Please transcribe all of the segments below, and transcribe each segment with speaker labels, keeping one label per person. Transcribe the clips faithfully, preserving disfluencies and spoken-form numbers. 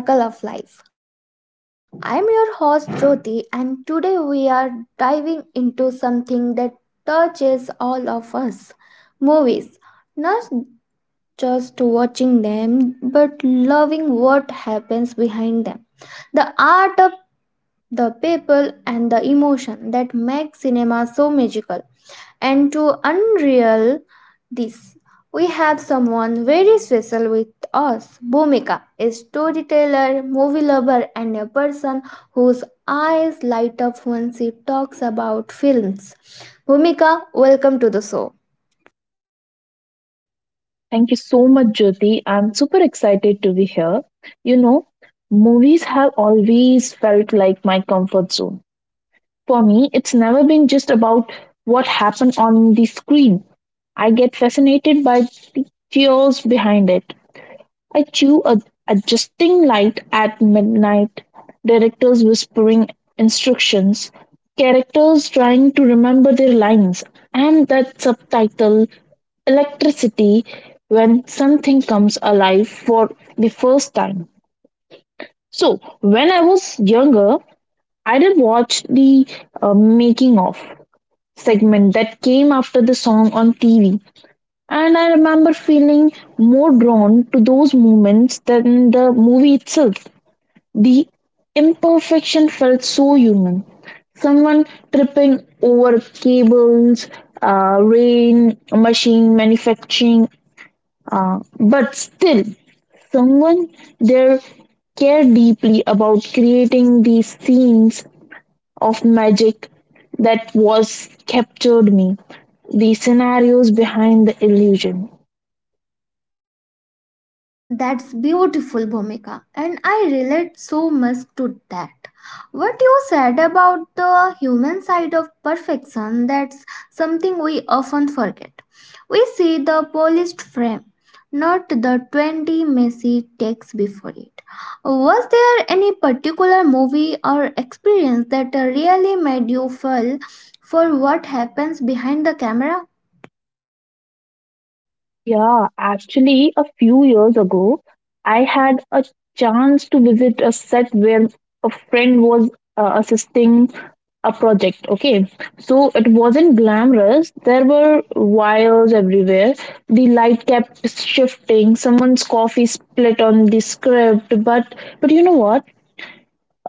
Speaker 1: Welcome to Sparkle of Life. I'm your host Jyoti, and today we are diving into something that touches all of us movies. Not just watching them, but loving what happens behind them. The art of the people and the emotion that makes cinema so magical. And to unreal this, we have someone very special with us. Bhumika, a storyteller, movie lover, and a person whose eyes light up when she talks about films. Bhumika, welcome to the show.
Speaker 2: Thank you so much, Jyoti. I'm super excited to be here. You know, movies have always felt like my comfort zone. For me, it's never been just about what happened on the screen. I get fascinated by the chaos behind it. I chew a adjusting light at midnight, directors whispering instructions, characters trying to remember their lines, and that subtitle electricity when something comes alive for the first time. So, when I was younger, I did watch the uh, making of segment that came after the song on T V. And I remember feeling more drawn to those moments than the movie itself. The imperfection felt so human. Someone tripping over cables, uh, rain, machine manufacturing, Uh, but still, someone there care deeply about creating these scenes of magic that was captured me, the scenarios behind the illusion.
Speaker 1: That's beautiful, Bhumika, and I relate so much to that. What you said about the human side of perfection, that's something we often forget. We see the polished frame, not the twenty messy takes before it. Was there any particular movie or experience that really made you fall for what happens behind the camera?
Speaker 2: Yeah, actually, a few years ago, I had a chance to visit a set where a friend was uh, assisting a project. Okay, so it wasn't glamorous. There were wires everywhere. The light kept shifting. Someone's coffee split on the script. But but you know what?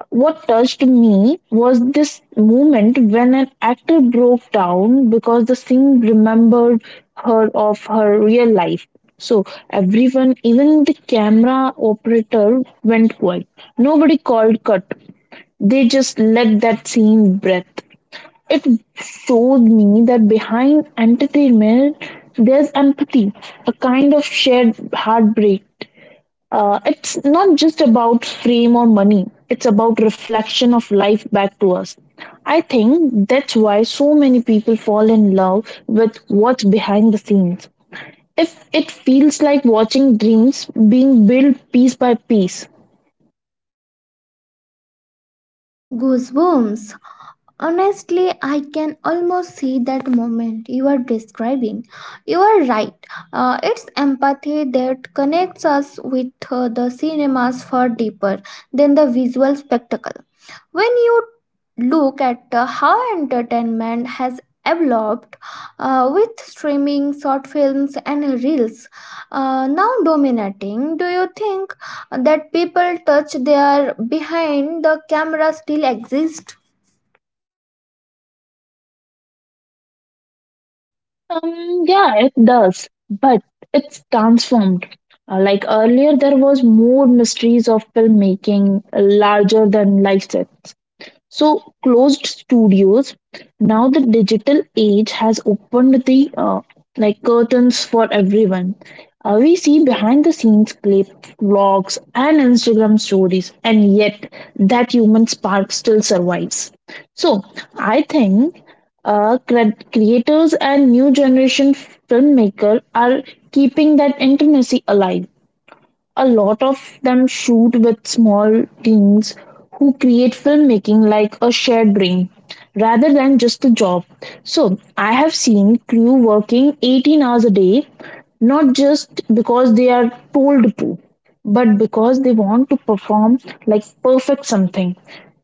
Speaker 2: What touched me was this moment when an actor broke down because the scene remembered her of her real life. So everyone, even the camera operator, went quiet. Nobody called cut. They just let that scene breathe. It showed me that behind entertainment, there's empathy, a kind of shared heartbreak. Uh, it's not just about fame or money, it's about reflection of life back to us. I think that's why so many people fall in love with what's behind the scenes. If it feels like watching dreams being built piece by piece.
Speaker 1: Goosebumps. Honestly, I can almost see that moment you are describing. You are right. Uh, it's empathy that connects us with uh, the cinemas far deeper than the visual spectacle. When you look at uh, how entertainment has evolved uh, with streaming, short films, and reels uh, now dominating, do you think that people touch their behind the camera still exist?
Speaker 2: Um, yeah, it does, but it's transformed. Uh, like earlier, there was more mysteries of filmmaking, larger than life sets. So closed studios. Now the digital age has opened the uh, like curtains for everyone. Uh, we see behind the scenes clips, vlogs, and Instagram stories, and yet that human spark still survives. So I think uh, cre- creators and new generation filmmaker are keeping that intimacy alive, a lot of them shoot with small teams who create filmmaking like a shared brain, rather than just a job. So, I have seen crew working eighteen hours a day, not just because they are told to but because they want to perform like perfect something,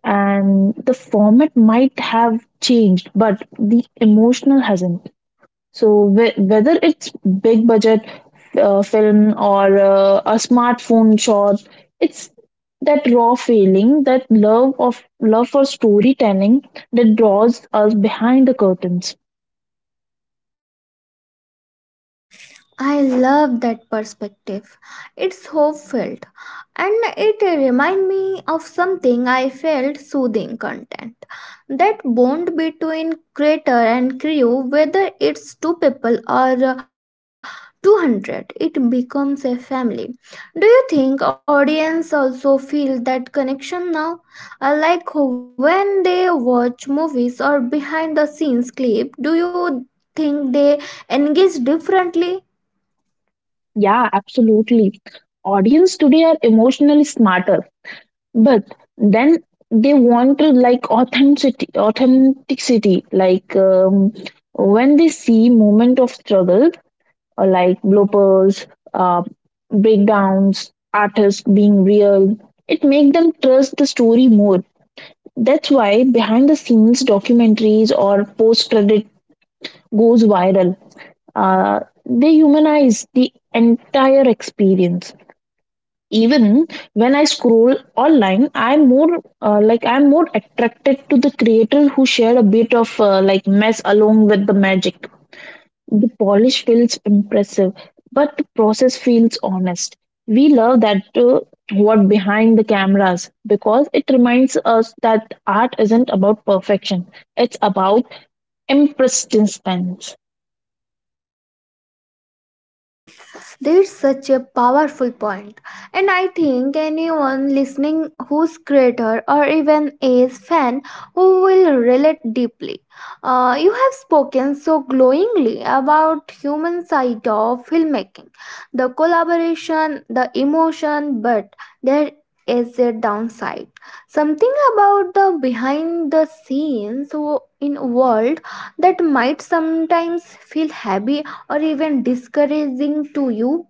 Speaker 2: and the format might have changed but the emotional hasn't. So whe- whether it's big budget uh, film or uh, a smartphone shot, it's that raw feeling, that love of love for storytelling that draws us behind the curtains.
Speaker 1: I love that perspective. It's hope filled and it reminds me of something I felt soothing content. That bond between creator and crew, whether it's two people or uh, two hundred, it becomes a family. Do you think audience also feel that connection now? Uh, like when they watch movies or behind the scenes clip, do you think they engage differently?
Speaker 2: Yeah, absolutely. Audience today are emotionally smarter, but then they want to like authenticity, authenticity. Like um, when they see moment of struggle, uh, like bloopers, uh, breakdowns, artists being real. It makes them trust the story more. That's why behind the scenes documentaries or post credit goes viral. Uh, they humanize the entire experience. Even when I scroll online, I'm more uh, like I'm more attracted to the creator who shared a bit of uh, like mess along with the magic. The polish feels impressive, but the process feels honest. We love that uh, what behind the cameras because it reminds us that art isn't about perfection. It's about impressiveness.
Speaker 1: That's such a powerful point. And I think anyone listening who's creator or even is fan who will relate deeply. Uh, you have spoken so glowingly about human side of filmmaking, the collaboration, the emotion, but there is a downside. Something about the behind the scenes wo- in world that might sometimes feel heavy or even discouraging to you?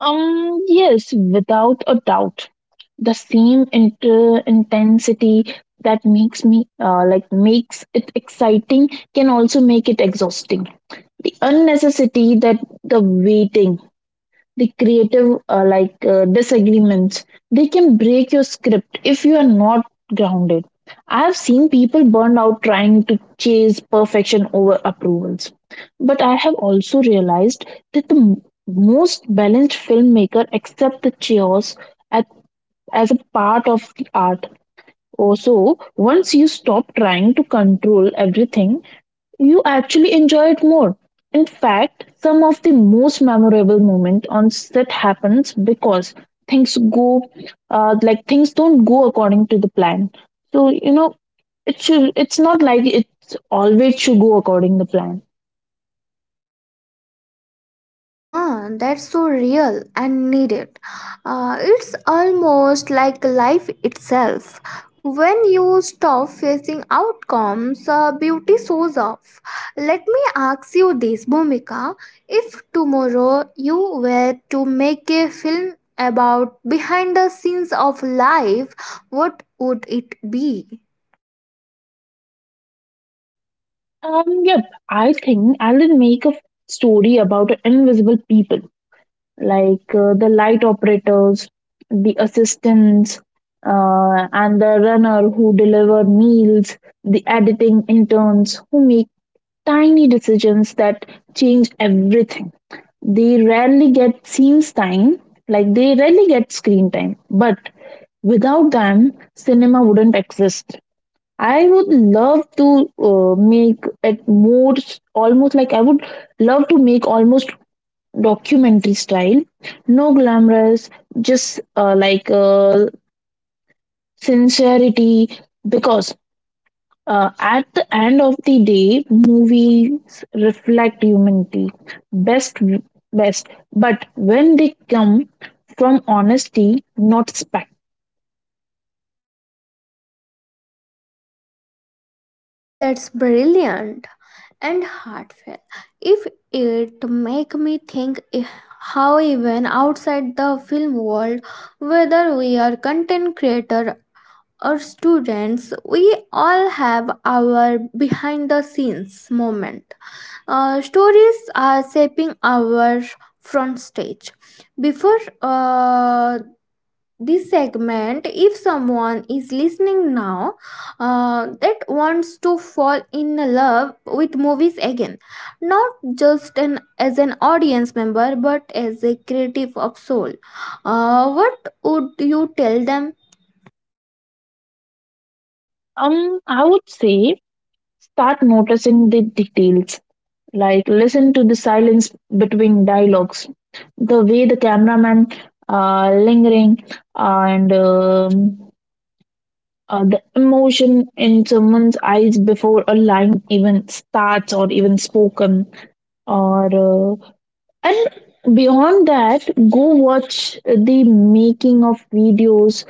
Speaker 2: Um, yes, without a doubt, the same inter- intensity that makes me uh, like makes it exciting can also make it exhausting. The unnecessity, that the waiting, the creative uh, like uh, disagreements, they can break your script if you are not grounded. I have seen people burn out trying to chase perfection over approvals, but I have also realized that the m- most balanced filmmaker accept the chaos at, as a part of the art. Also, once you stop trying to control everything you actually enjoy it more. In fact, some of the most memorable moment on set happens because things go uh, like things don't go according to the plan. So you know it should. It's not like it's always should go according to the plan.
Speaker 1: Ah, that's so real and needed. Uh, it's almost like life itself. When you stop facing outcomes, uh, beauty shows off. Let me ask you this, Bhumika. If tomorrow you were to make a film about behind the scenes of life, what would it be?
Speaker 2: Um. Yep. I think I will make a story about invisible people, like uh, the light operators, the assistants, uh, and the runner who deliver meals, the editing interns who make tiny decisions that change everything. They rarely get scenes time, like they rarely get screen time, but without them, cinema wouldn't exist. I would love to uh, make it more almost like I would love to make almost documentary style. No glamorous, just uh, like uh, sincerity. Because uh, at the end of the day, movies reflect humanity best, best. But when they come from honesty, not spec.
Speaker 1: That's brilliant and heartfelt. If it make me think i- how even outside the film world, whether we are content creator or students, we all have our behind the scenes moment. Uh, stories are shaping our front stage. Before uh, this segment if someone is listening now uh, that wants to fall in love with movies again just an as an audience member but as a creative of soul uh, what would you tell them.
Speaker 2: um, I would say start noticing the details. Like, listen to the silence between dialogues, the way the cameraman uh, lingering, and um, uh, the emotion in someone's eyes before a line even starts or even spoken, or uh, and beyond that go watch the making of videos,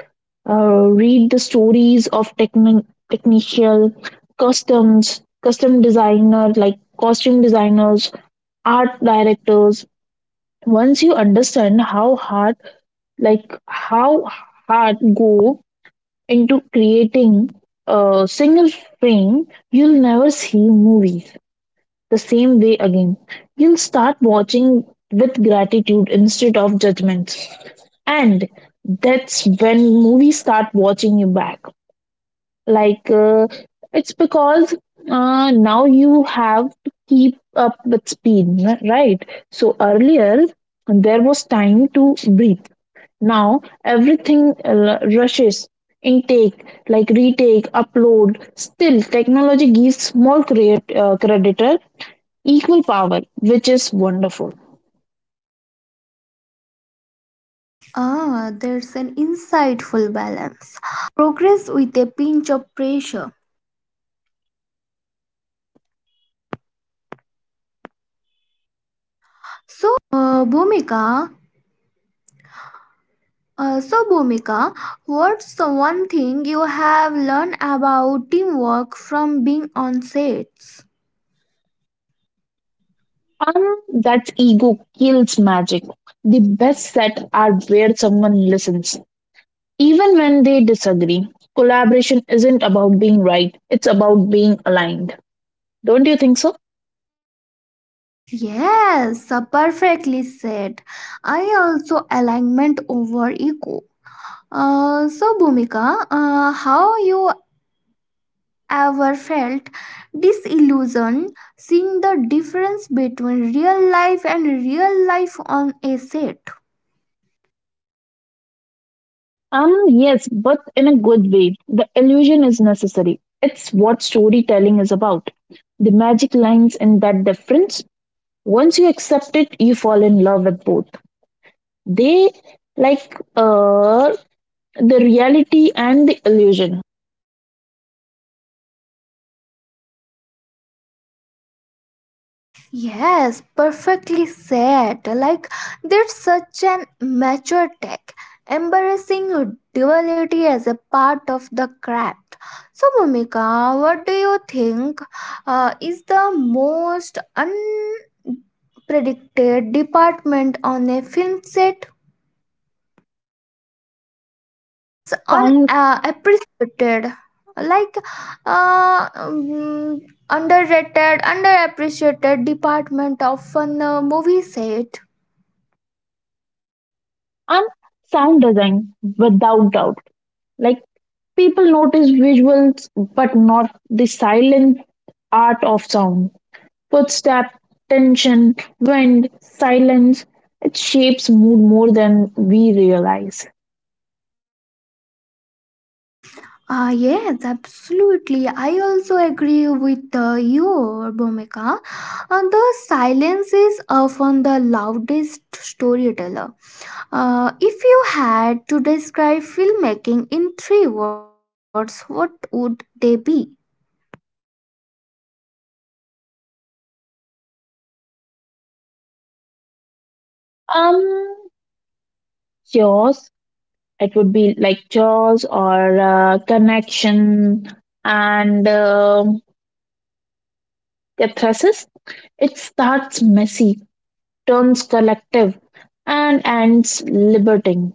Speaker 2: uh, read the stories of techni- technician, customs custom designer, like costume designers, art directors. Once you understand how hard like how hard go into creating a single frame, you'll never see movies the same way again. You'll start watching with gratitude instead of judgment, and that's when movies start watching you back. like uh, it's because uh, now you have to keep up with speed n- right. So earlier there was time to breathe, now everything uh, rushes, intake like retake upload. Still technology gives more create uh, creditor equal power, which is wonderful.
Speaker 1: Ah, that's an Uh, so, Bhumika, what's the one thing you have learned about teamwork from being on sets?
Speaker 2: um that's ego kills magic. The best set are where someone listens. Even when they disagree, collaboration isn't about being right, it's about being aligned. Don't you think so?
Speaker 1: Yes, uh, perfectly said. I also alignment over ego. Uh, so, Bhumika, uh, how you ever felt disillusioned seeing the difference between real life and real life on a set?
Speaker 2: Um, yes, but in a good way. The illusion is necessary. It's what storytelling is about. The magic lines in that difference. Once you accept it, you fall in love with both. They like uh the reality and the illusion.
Speaker 1: Yes, perfectly said. Like there's such an mature tech, embarrassing duality as a part of the craft. So, Bhumika, what do you think uh, is the most unpredicted department on a film set? Like it's
Speaker 2: Sound
Speaker 1: unappreciated like uh, mm, underrated underappreciated department of fun uh, movie set.
Speaker 2: and sound design without doubt. Like people notice visuals but not the silent art of sound. Footstep, tension, wind, silence. It shapes mood more than we realize.
Speaker 1: Ah yes, absolutely. I also agree with uh, you, Bomeka. Uh, the silence is often the loudest storyteller. Uh, if you had to describe filmmaking in three words, what would they be?
Speaker 2: Um, Jaws. It would be like Jaws or uh, connection and um catharsis. It starts messy, turns collective, and ends liberating.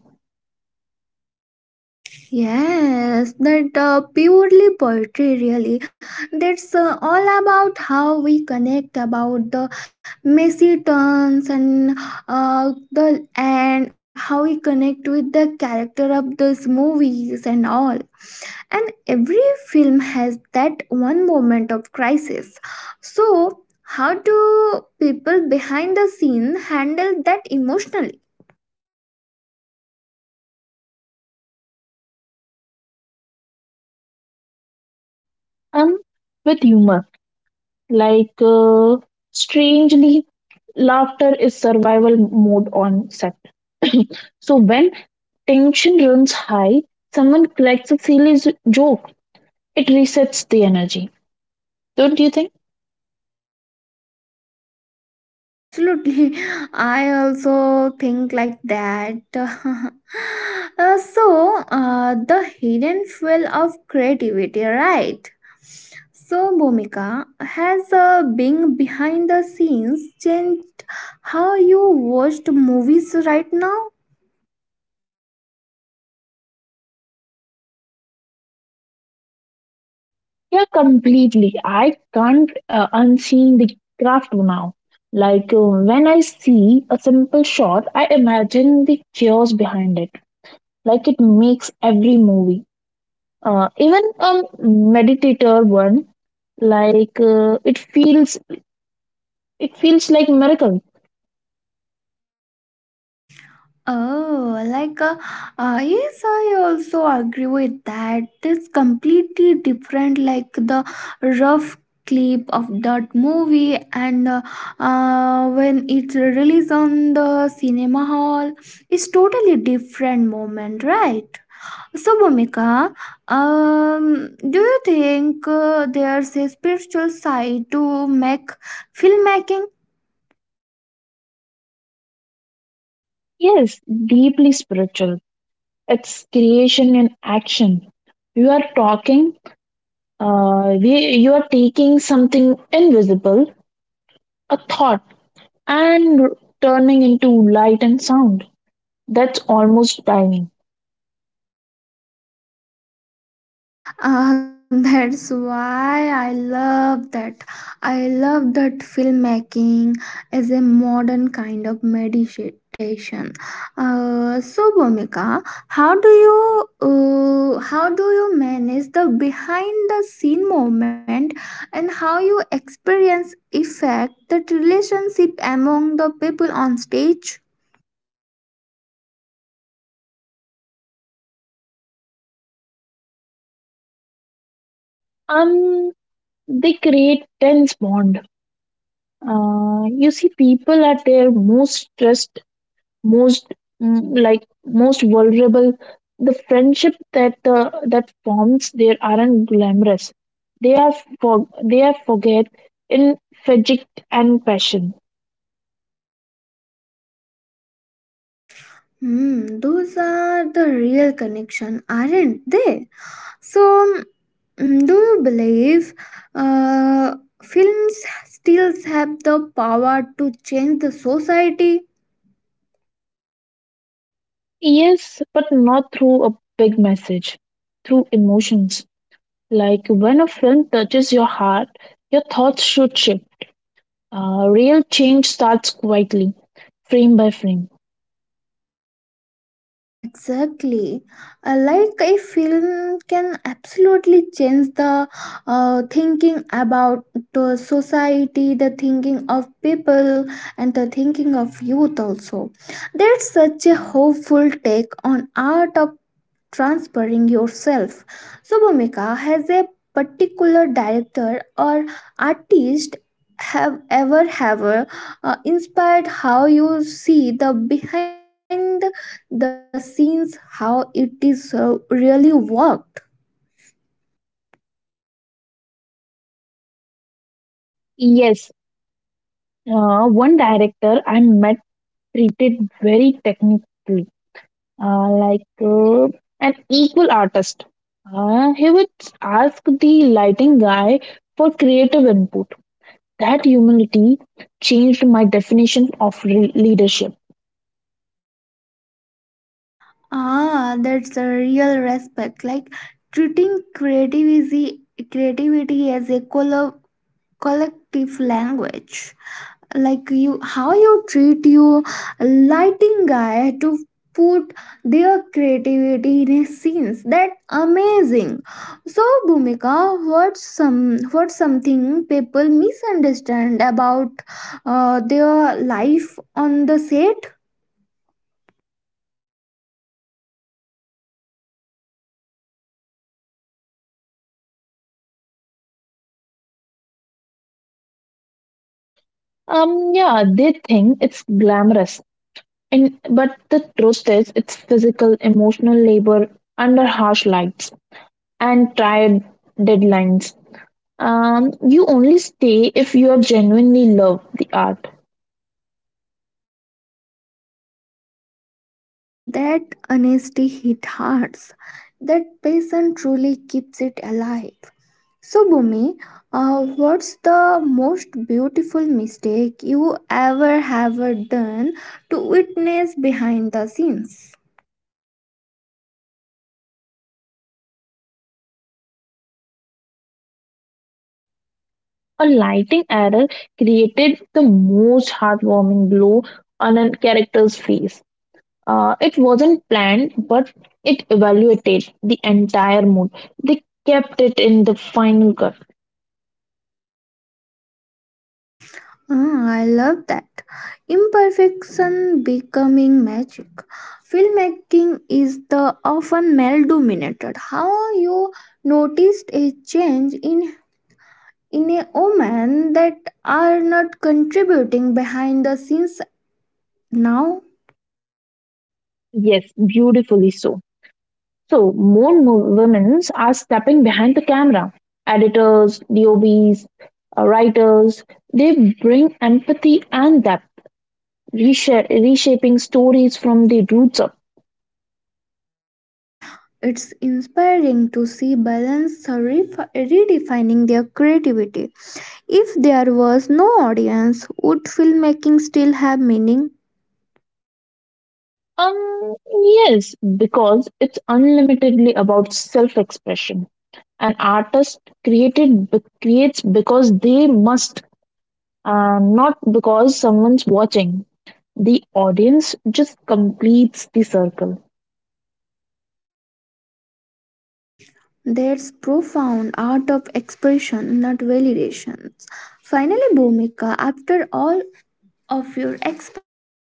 Speaker 1: Yes, that uh, purely poetry really. That's uh, all about how we connect about the messy turns and uh, the and how we connect with the character of those movies and all. And every film has that one moment of crisis. So, how do people behind the scene handle that emotionally?
Speaker 2: Um, with humor. Like uh, strangely, laughter is survival mode on set. So when tension runs high, someone cracks a silly z- joke. It resets the energy. Don't you think?
Speaker 1: Yes, absolutely. I also think like that. Uh, so, uh, the hidden fuel of creativity, right? So, Bhumika, has uh, being behind the scenes changed how you watched movies right now?
Speaker 2: Yeah, completely. I can't uh, unseen the craft now. Like uh, when I see a simple shot, I imagine the chaos behind it. Like it makes every movie. Uh, even a meditator one, like uh, it feels it feels like miracle.
Speaker 1: Oh, like uh, uh, yes, I also agree with that. It's completely different, like the rough clip of that movie, and uh, uh, when it's released on the cinema hall, it's totally different moment, right? So, Bhumika, um, do you think uh, there's a spiritual side to make filmmaking?
Speaker 2: Yes, deeply spiritual. It's creation in action. You are talking. Uh, we, you are taking something invisible, a thought, and turning into light and sound. That's almost diving.
Speaker 1: Ah, that's why I love that. I love that filmmaking as a modern kind of meditation. Uh, so, Bhumika, how do you uh, how do you manage the behind the scene moment and how you experience effect that relationship among the people on stage?
Speaker 2: Um, they create tense bond. Uh, you see, people at their most stressed, most mm, like most vulnerable. The friendship that uh, that forms there aren't glamorous, they are for they are forget in fatigue and passion.
Speaker 1: Hmm, those are the real connection, aren't they? So, mm, do you believe uh, films still have the power to change the society?
Speaker 2: Yes, but not through a big message, through emotions. Like when a film touches your heart your thoughts should shift. uh, real change starts quietly, frame by frame.
Speaker 1: Exactly. Uh, like a film can absolutely change the uh, thinking about the society, the thinking of people, and the thinking of youth also. That's such a hopeful take on art of transferring yourself. So, Bhumika, has a particular director or artist have ever have uh, inspired how you see the behind the scenes how it is uh, really worked.
Speaker 2: Yes, uh, one director I met treated very technically, uh, like uh, an equal artist. Uh, he would ask the lighting guy for creative input. That humility changed my definition of re- leadership.
Speaker 1: Ah that's a real respect like treating creativity creativity as a collo- collective language like you how you treat your lighting guy to put their creativity in a scenes that amazing. So Bhumika, what's some what's something people misunderstand about uh, their life on the set.
Speaker 2: Um, yeah, they think it's glamorous, and but the truth is, it's physical, emotional labor under harsh lights and tired deadlines. Um, you only stay if you are genuinely love the art.
Speaker 1: That honesty hit hearts, that passion truly keeps it alive. So, Bhumi, uh, what's the most beautiful mistake you ever have done to witness behind the scenes?
Speaker 2: A lighting error created the most heartwarming glow on a character's face. Uh, it wasn't planned, but it evaluated the entire mood. They kept it in the final cut.
Speaker 1: Ah, I love that. Imperfection becoming magic. Filmmaking is the often male-dominated. How you noticed a change in in a woman that are not contributing behind the scenes now?
Speaker 2: Yes, beautifully so. So, more mo- women are stepping behind the camera. Editors, D O Bs, uh, writers, they bring empathy and depth, resha- reshaping stories from the roots up.
Speaker 1: It's inspiring to see balance refi- redefining their creativity. If there was no audience, would filmmaking still have meaning?
Speaker 2: Um, yes, because it's unlimitedly about self expression. An artist created be- creates because they must, uh, not because someone's watching. The audience just completes the circle.
Speaker 1: That's profound art of expression, not validations. Finally, Bhumika, after all of your experience,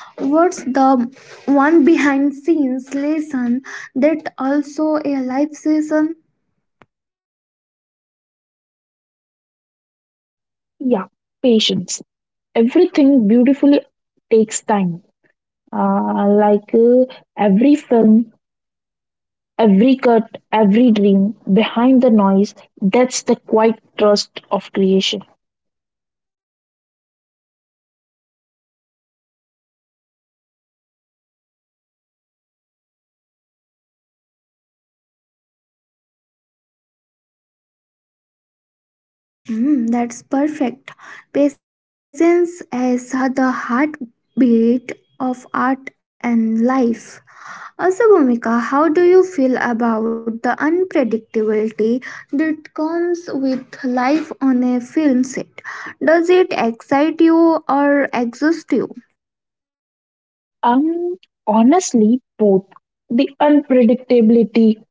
Speaker 1: what's the one behind scenes lesson that also a life lesson?
Speaker 2: Yeah, patience. Everything beautifully takes time. Uh, like uh, every film, every cut, every dream, behind the noise, that's the quiet trust of creation.
Speaker 1: Mm, that's perfect. Patience is the heartbeat of art and life. Also, Bhumika, how do you feel about the unpredictability that comes with life on a film set? Does it excite you or exhaust you?
Speaker 2: Um, honestly, both. The unpredictability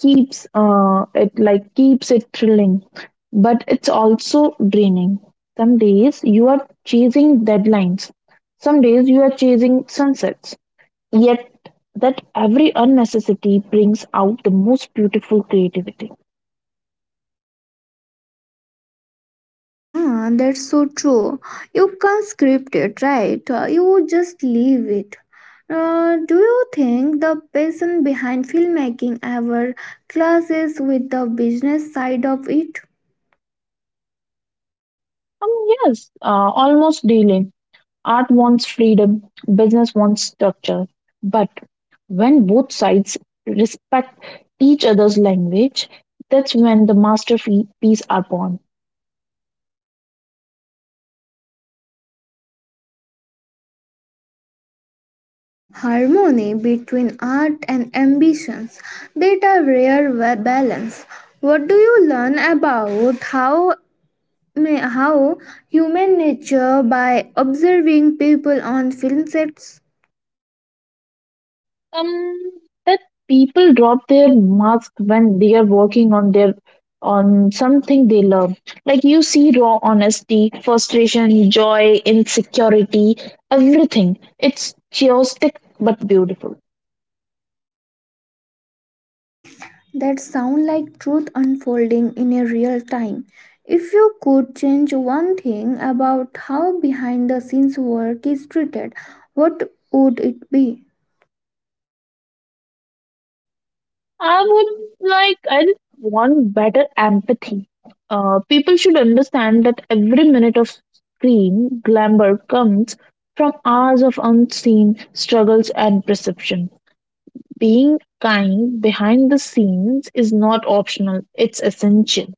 Speaker 2: keeps uh, it like keeps it thrilling, but it's also draining. Some days you are chasing deadlines, some days you are chasing sunsets. Yet that every unnecessity brings out the most beautiful creativity.
Speaker 1: Ah, that's so true. You can't script it, right? Uh, You just leave it. Uh, do you think the passion behind filmmaking ever clashes with the business side of it?
Speaker 2: Um, yes, uh, almost daily. Art wants freedom, business wants structure. But when both sides respect each other's language, that's when the masterpiece are born.
Speaker 1: Harmony between art and ambitions, that are rare wa- balance. What do you learn about how ma- how human nature by observing people on film sets?
Speaker 2: Um, that people drop their mask when they are working on their on something they love. Like you see raw honesty, frustration, joy, insecurity, everything. It's chaotic but beautiful.
Speaker 1: That sound like truth unfolding in a real time. If you could change one thing about how behind the scenes work is treated, what would it be?
Speaker 2: I would like, I just want better empathy. Uh, people should understand that every minute of screen glamour comes from hours of unseen struggles and perception. Being kind behind the scenes is not optional, it's essential.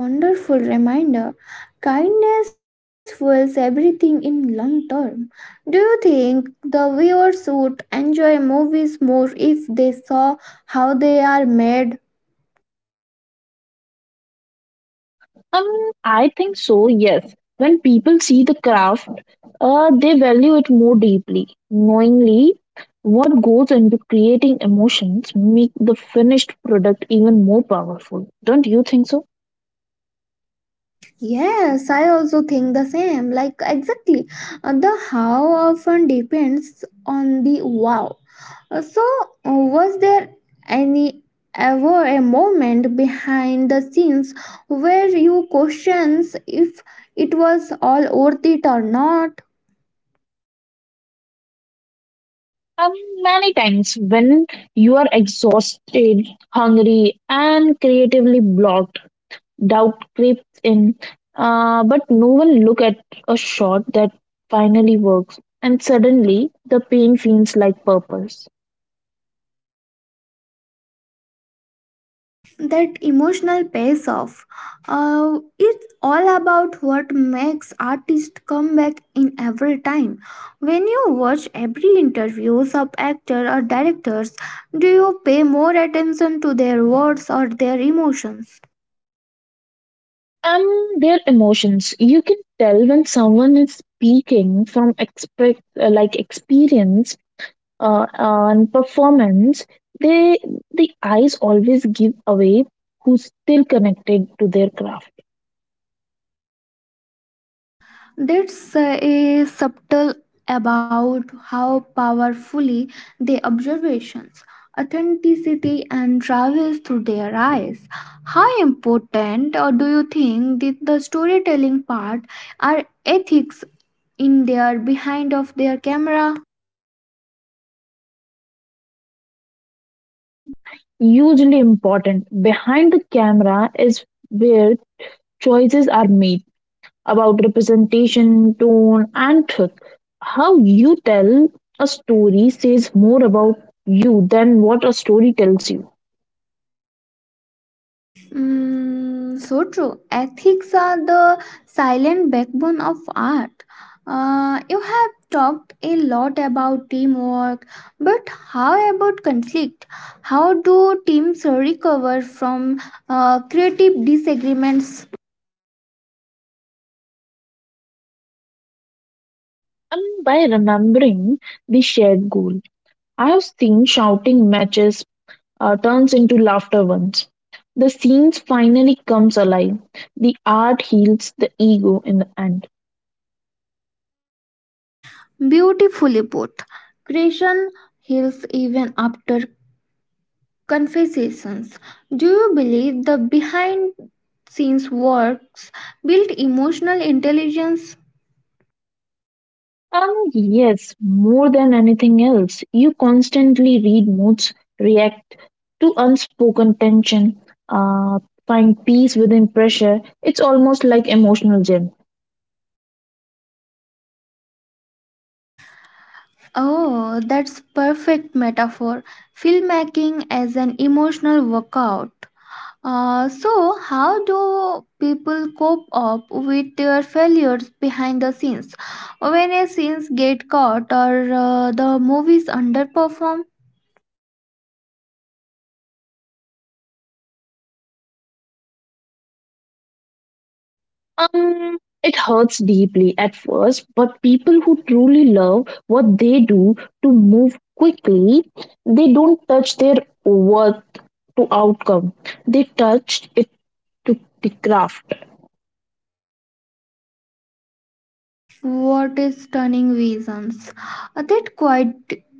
Speaker 1: That's wonderful reminder. Kindness fuels everything in long term. Do you think the viewers would enjoy movies more if they saw how they are made?
Speaker 2: Um, I think so, yes. When people see the craft, uh, they value it more deeply. Knowingly, what goes into creating emotions make the finished product even more powerful. Don't you think so?
Speaker 1: Yes, I also think the same. Like, exactly. Uh, the how often depends on the wow. Uh, So, uh, was there any ever a moment behind the scenes where you questions if it was all worth it or not?
Speaker 2: Um, many times when you are exhausted, hungry, and creatively blocked, doubt creeps in. Uh, but no one look at a shot that finally works, and suddenly the pain feels like purpose.
Speaker 1: That emotional pace off, uh, it's all about what makes artists come back in every time when you watch every interviews of actor or directors, do you pay more attention to their words or their emotions?
Speaker 2: Um, their emotions. You can tell when someone is speaking from expect uh, like experience uh, and performance. They the eyes always give away who's still connected to their craft.
Speaker 1: That's uh, a subtle about how powerfully the observations, authenticity, and travels through their eyes. How important, or do you think, that the storytelling part are ethics in their behind of their camera?
Speaker 2: Mm, hugely important. Behind the camera is where choices are made about representation, tone, and truth. How you tell a story says more about you than what a story tells you.
Speaker 1: Mm, so true. Ethics are the silent backbone of art. Uh, you have talked a lot about teamwork, but how about conflict? How do teams recover from uh, creative disagreements?
Speaker 2: And by remembering the shared goal, I have seen shouting matches uh, turns into laughter ones. The scenes finally comes alive. The art heals the ego in the end.
Speaker 1: Beautifully put. Creation heals even after confessions. Do you believe the behind scenes works build emotional intelligence?
Speaker 2: Um, yes, more than anything else, you constantly read moods, react to unspoken tension, uh, find peace within pressure. It's almost like emotional gym.
Speaker 1: Oh, that's perfect metaphor. Filmmaking as an emotional workout. Uh, so, how do people cope up with their failures behind the scenes when a scenes get caught or uh, the movies underperform?
Speaker 2: Um, it hurts deeply at first, but people who truly love what they do to move quickly, they don't touch their worth to outcome. They touch it to the craft.
Speaker 1: What is stunning visions! Uh, that quiet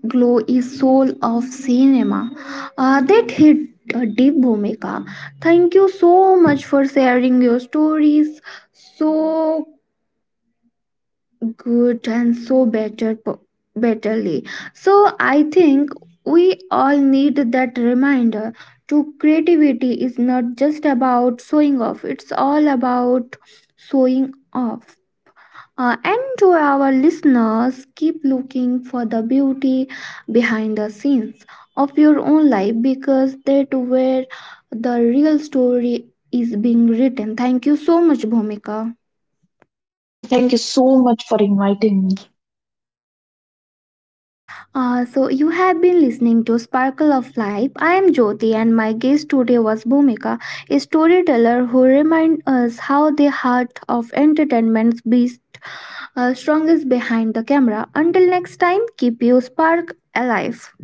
Speaker 1: glow is soul of cinema. Uh, that hit uh, deep, Bhumika. Thank you so much for sharing your stories so good and so better, betterly. So I think we all need that reminder to creativity is not just about showing off. It's all about showing off. Uh, and to our listeners, keep looking for the beauty behind the scenes of your own life because that where the real story is being written. Thank you so much, Bhumika.
Speaker 2: Thank you so much for inviting me.
Speaker 1: Uh, so you have been listening to Sparkle of Life. I am Jyoti, and my guest today was Bhumika, a storyteller who remind us how the heart of entertainment's beast uh, strongest behind the camera. Until next time, keep your spark alive.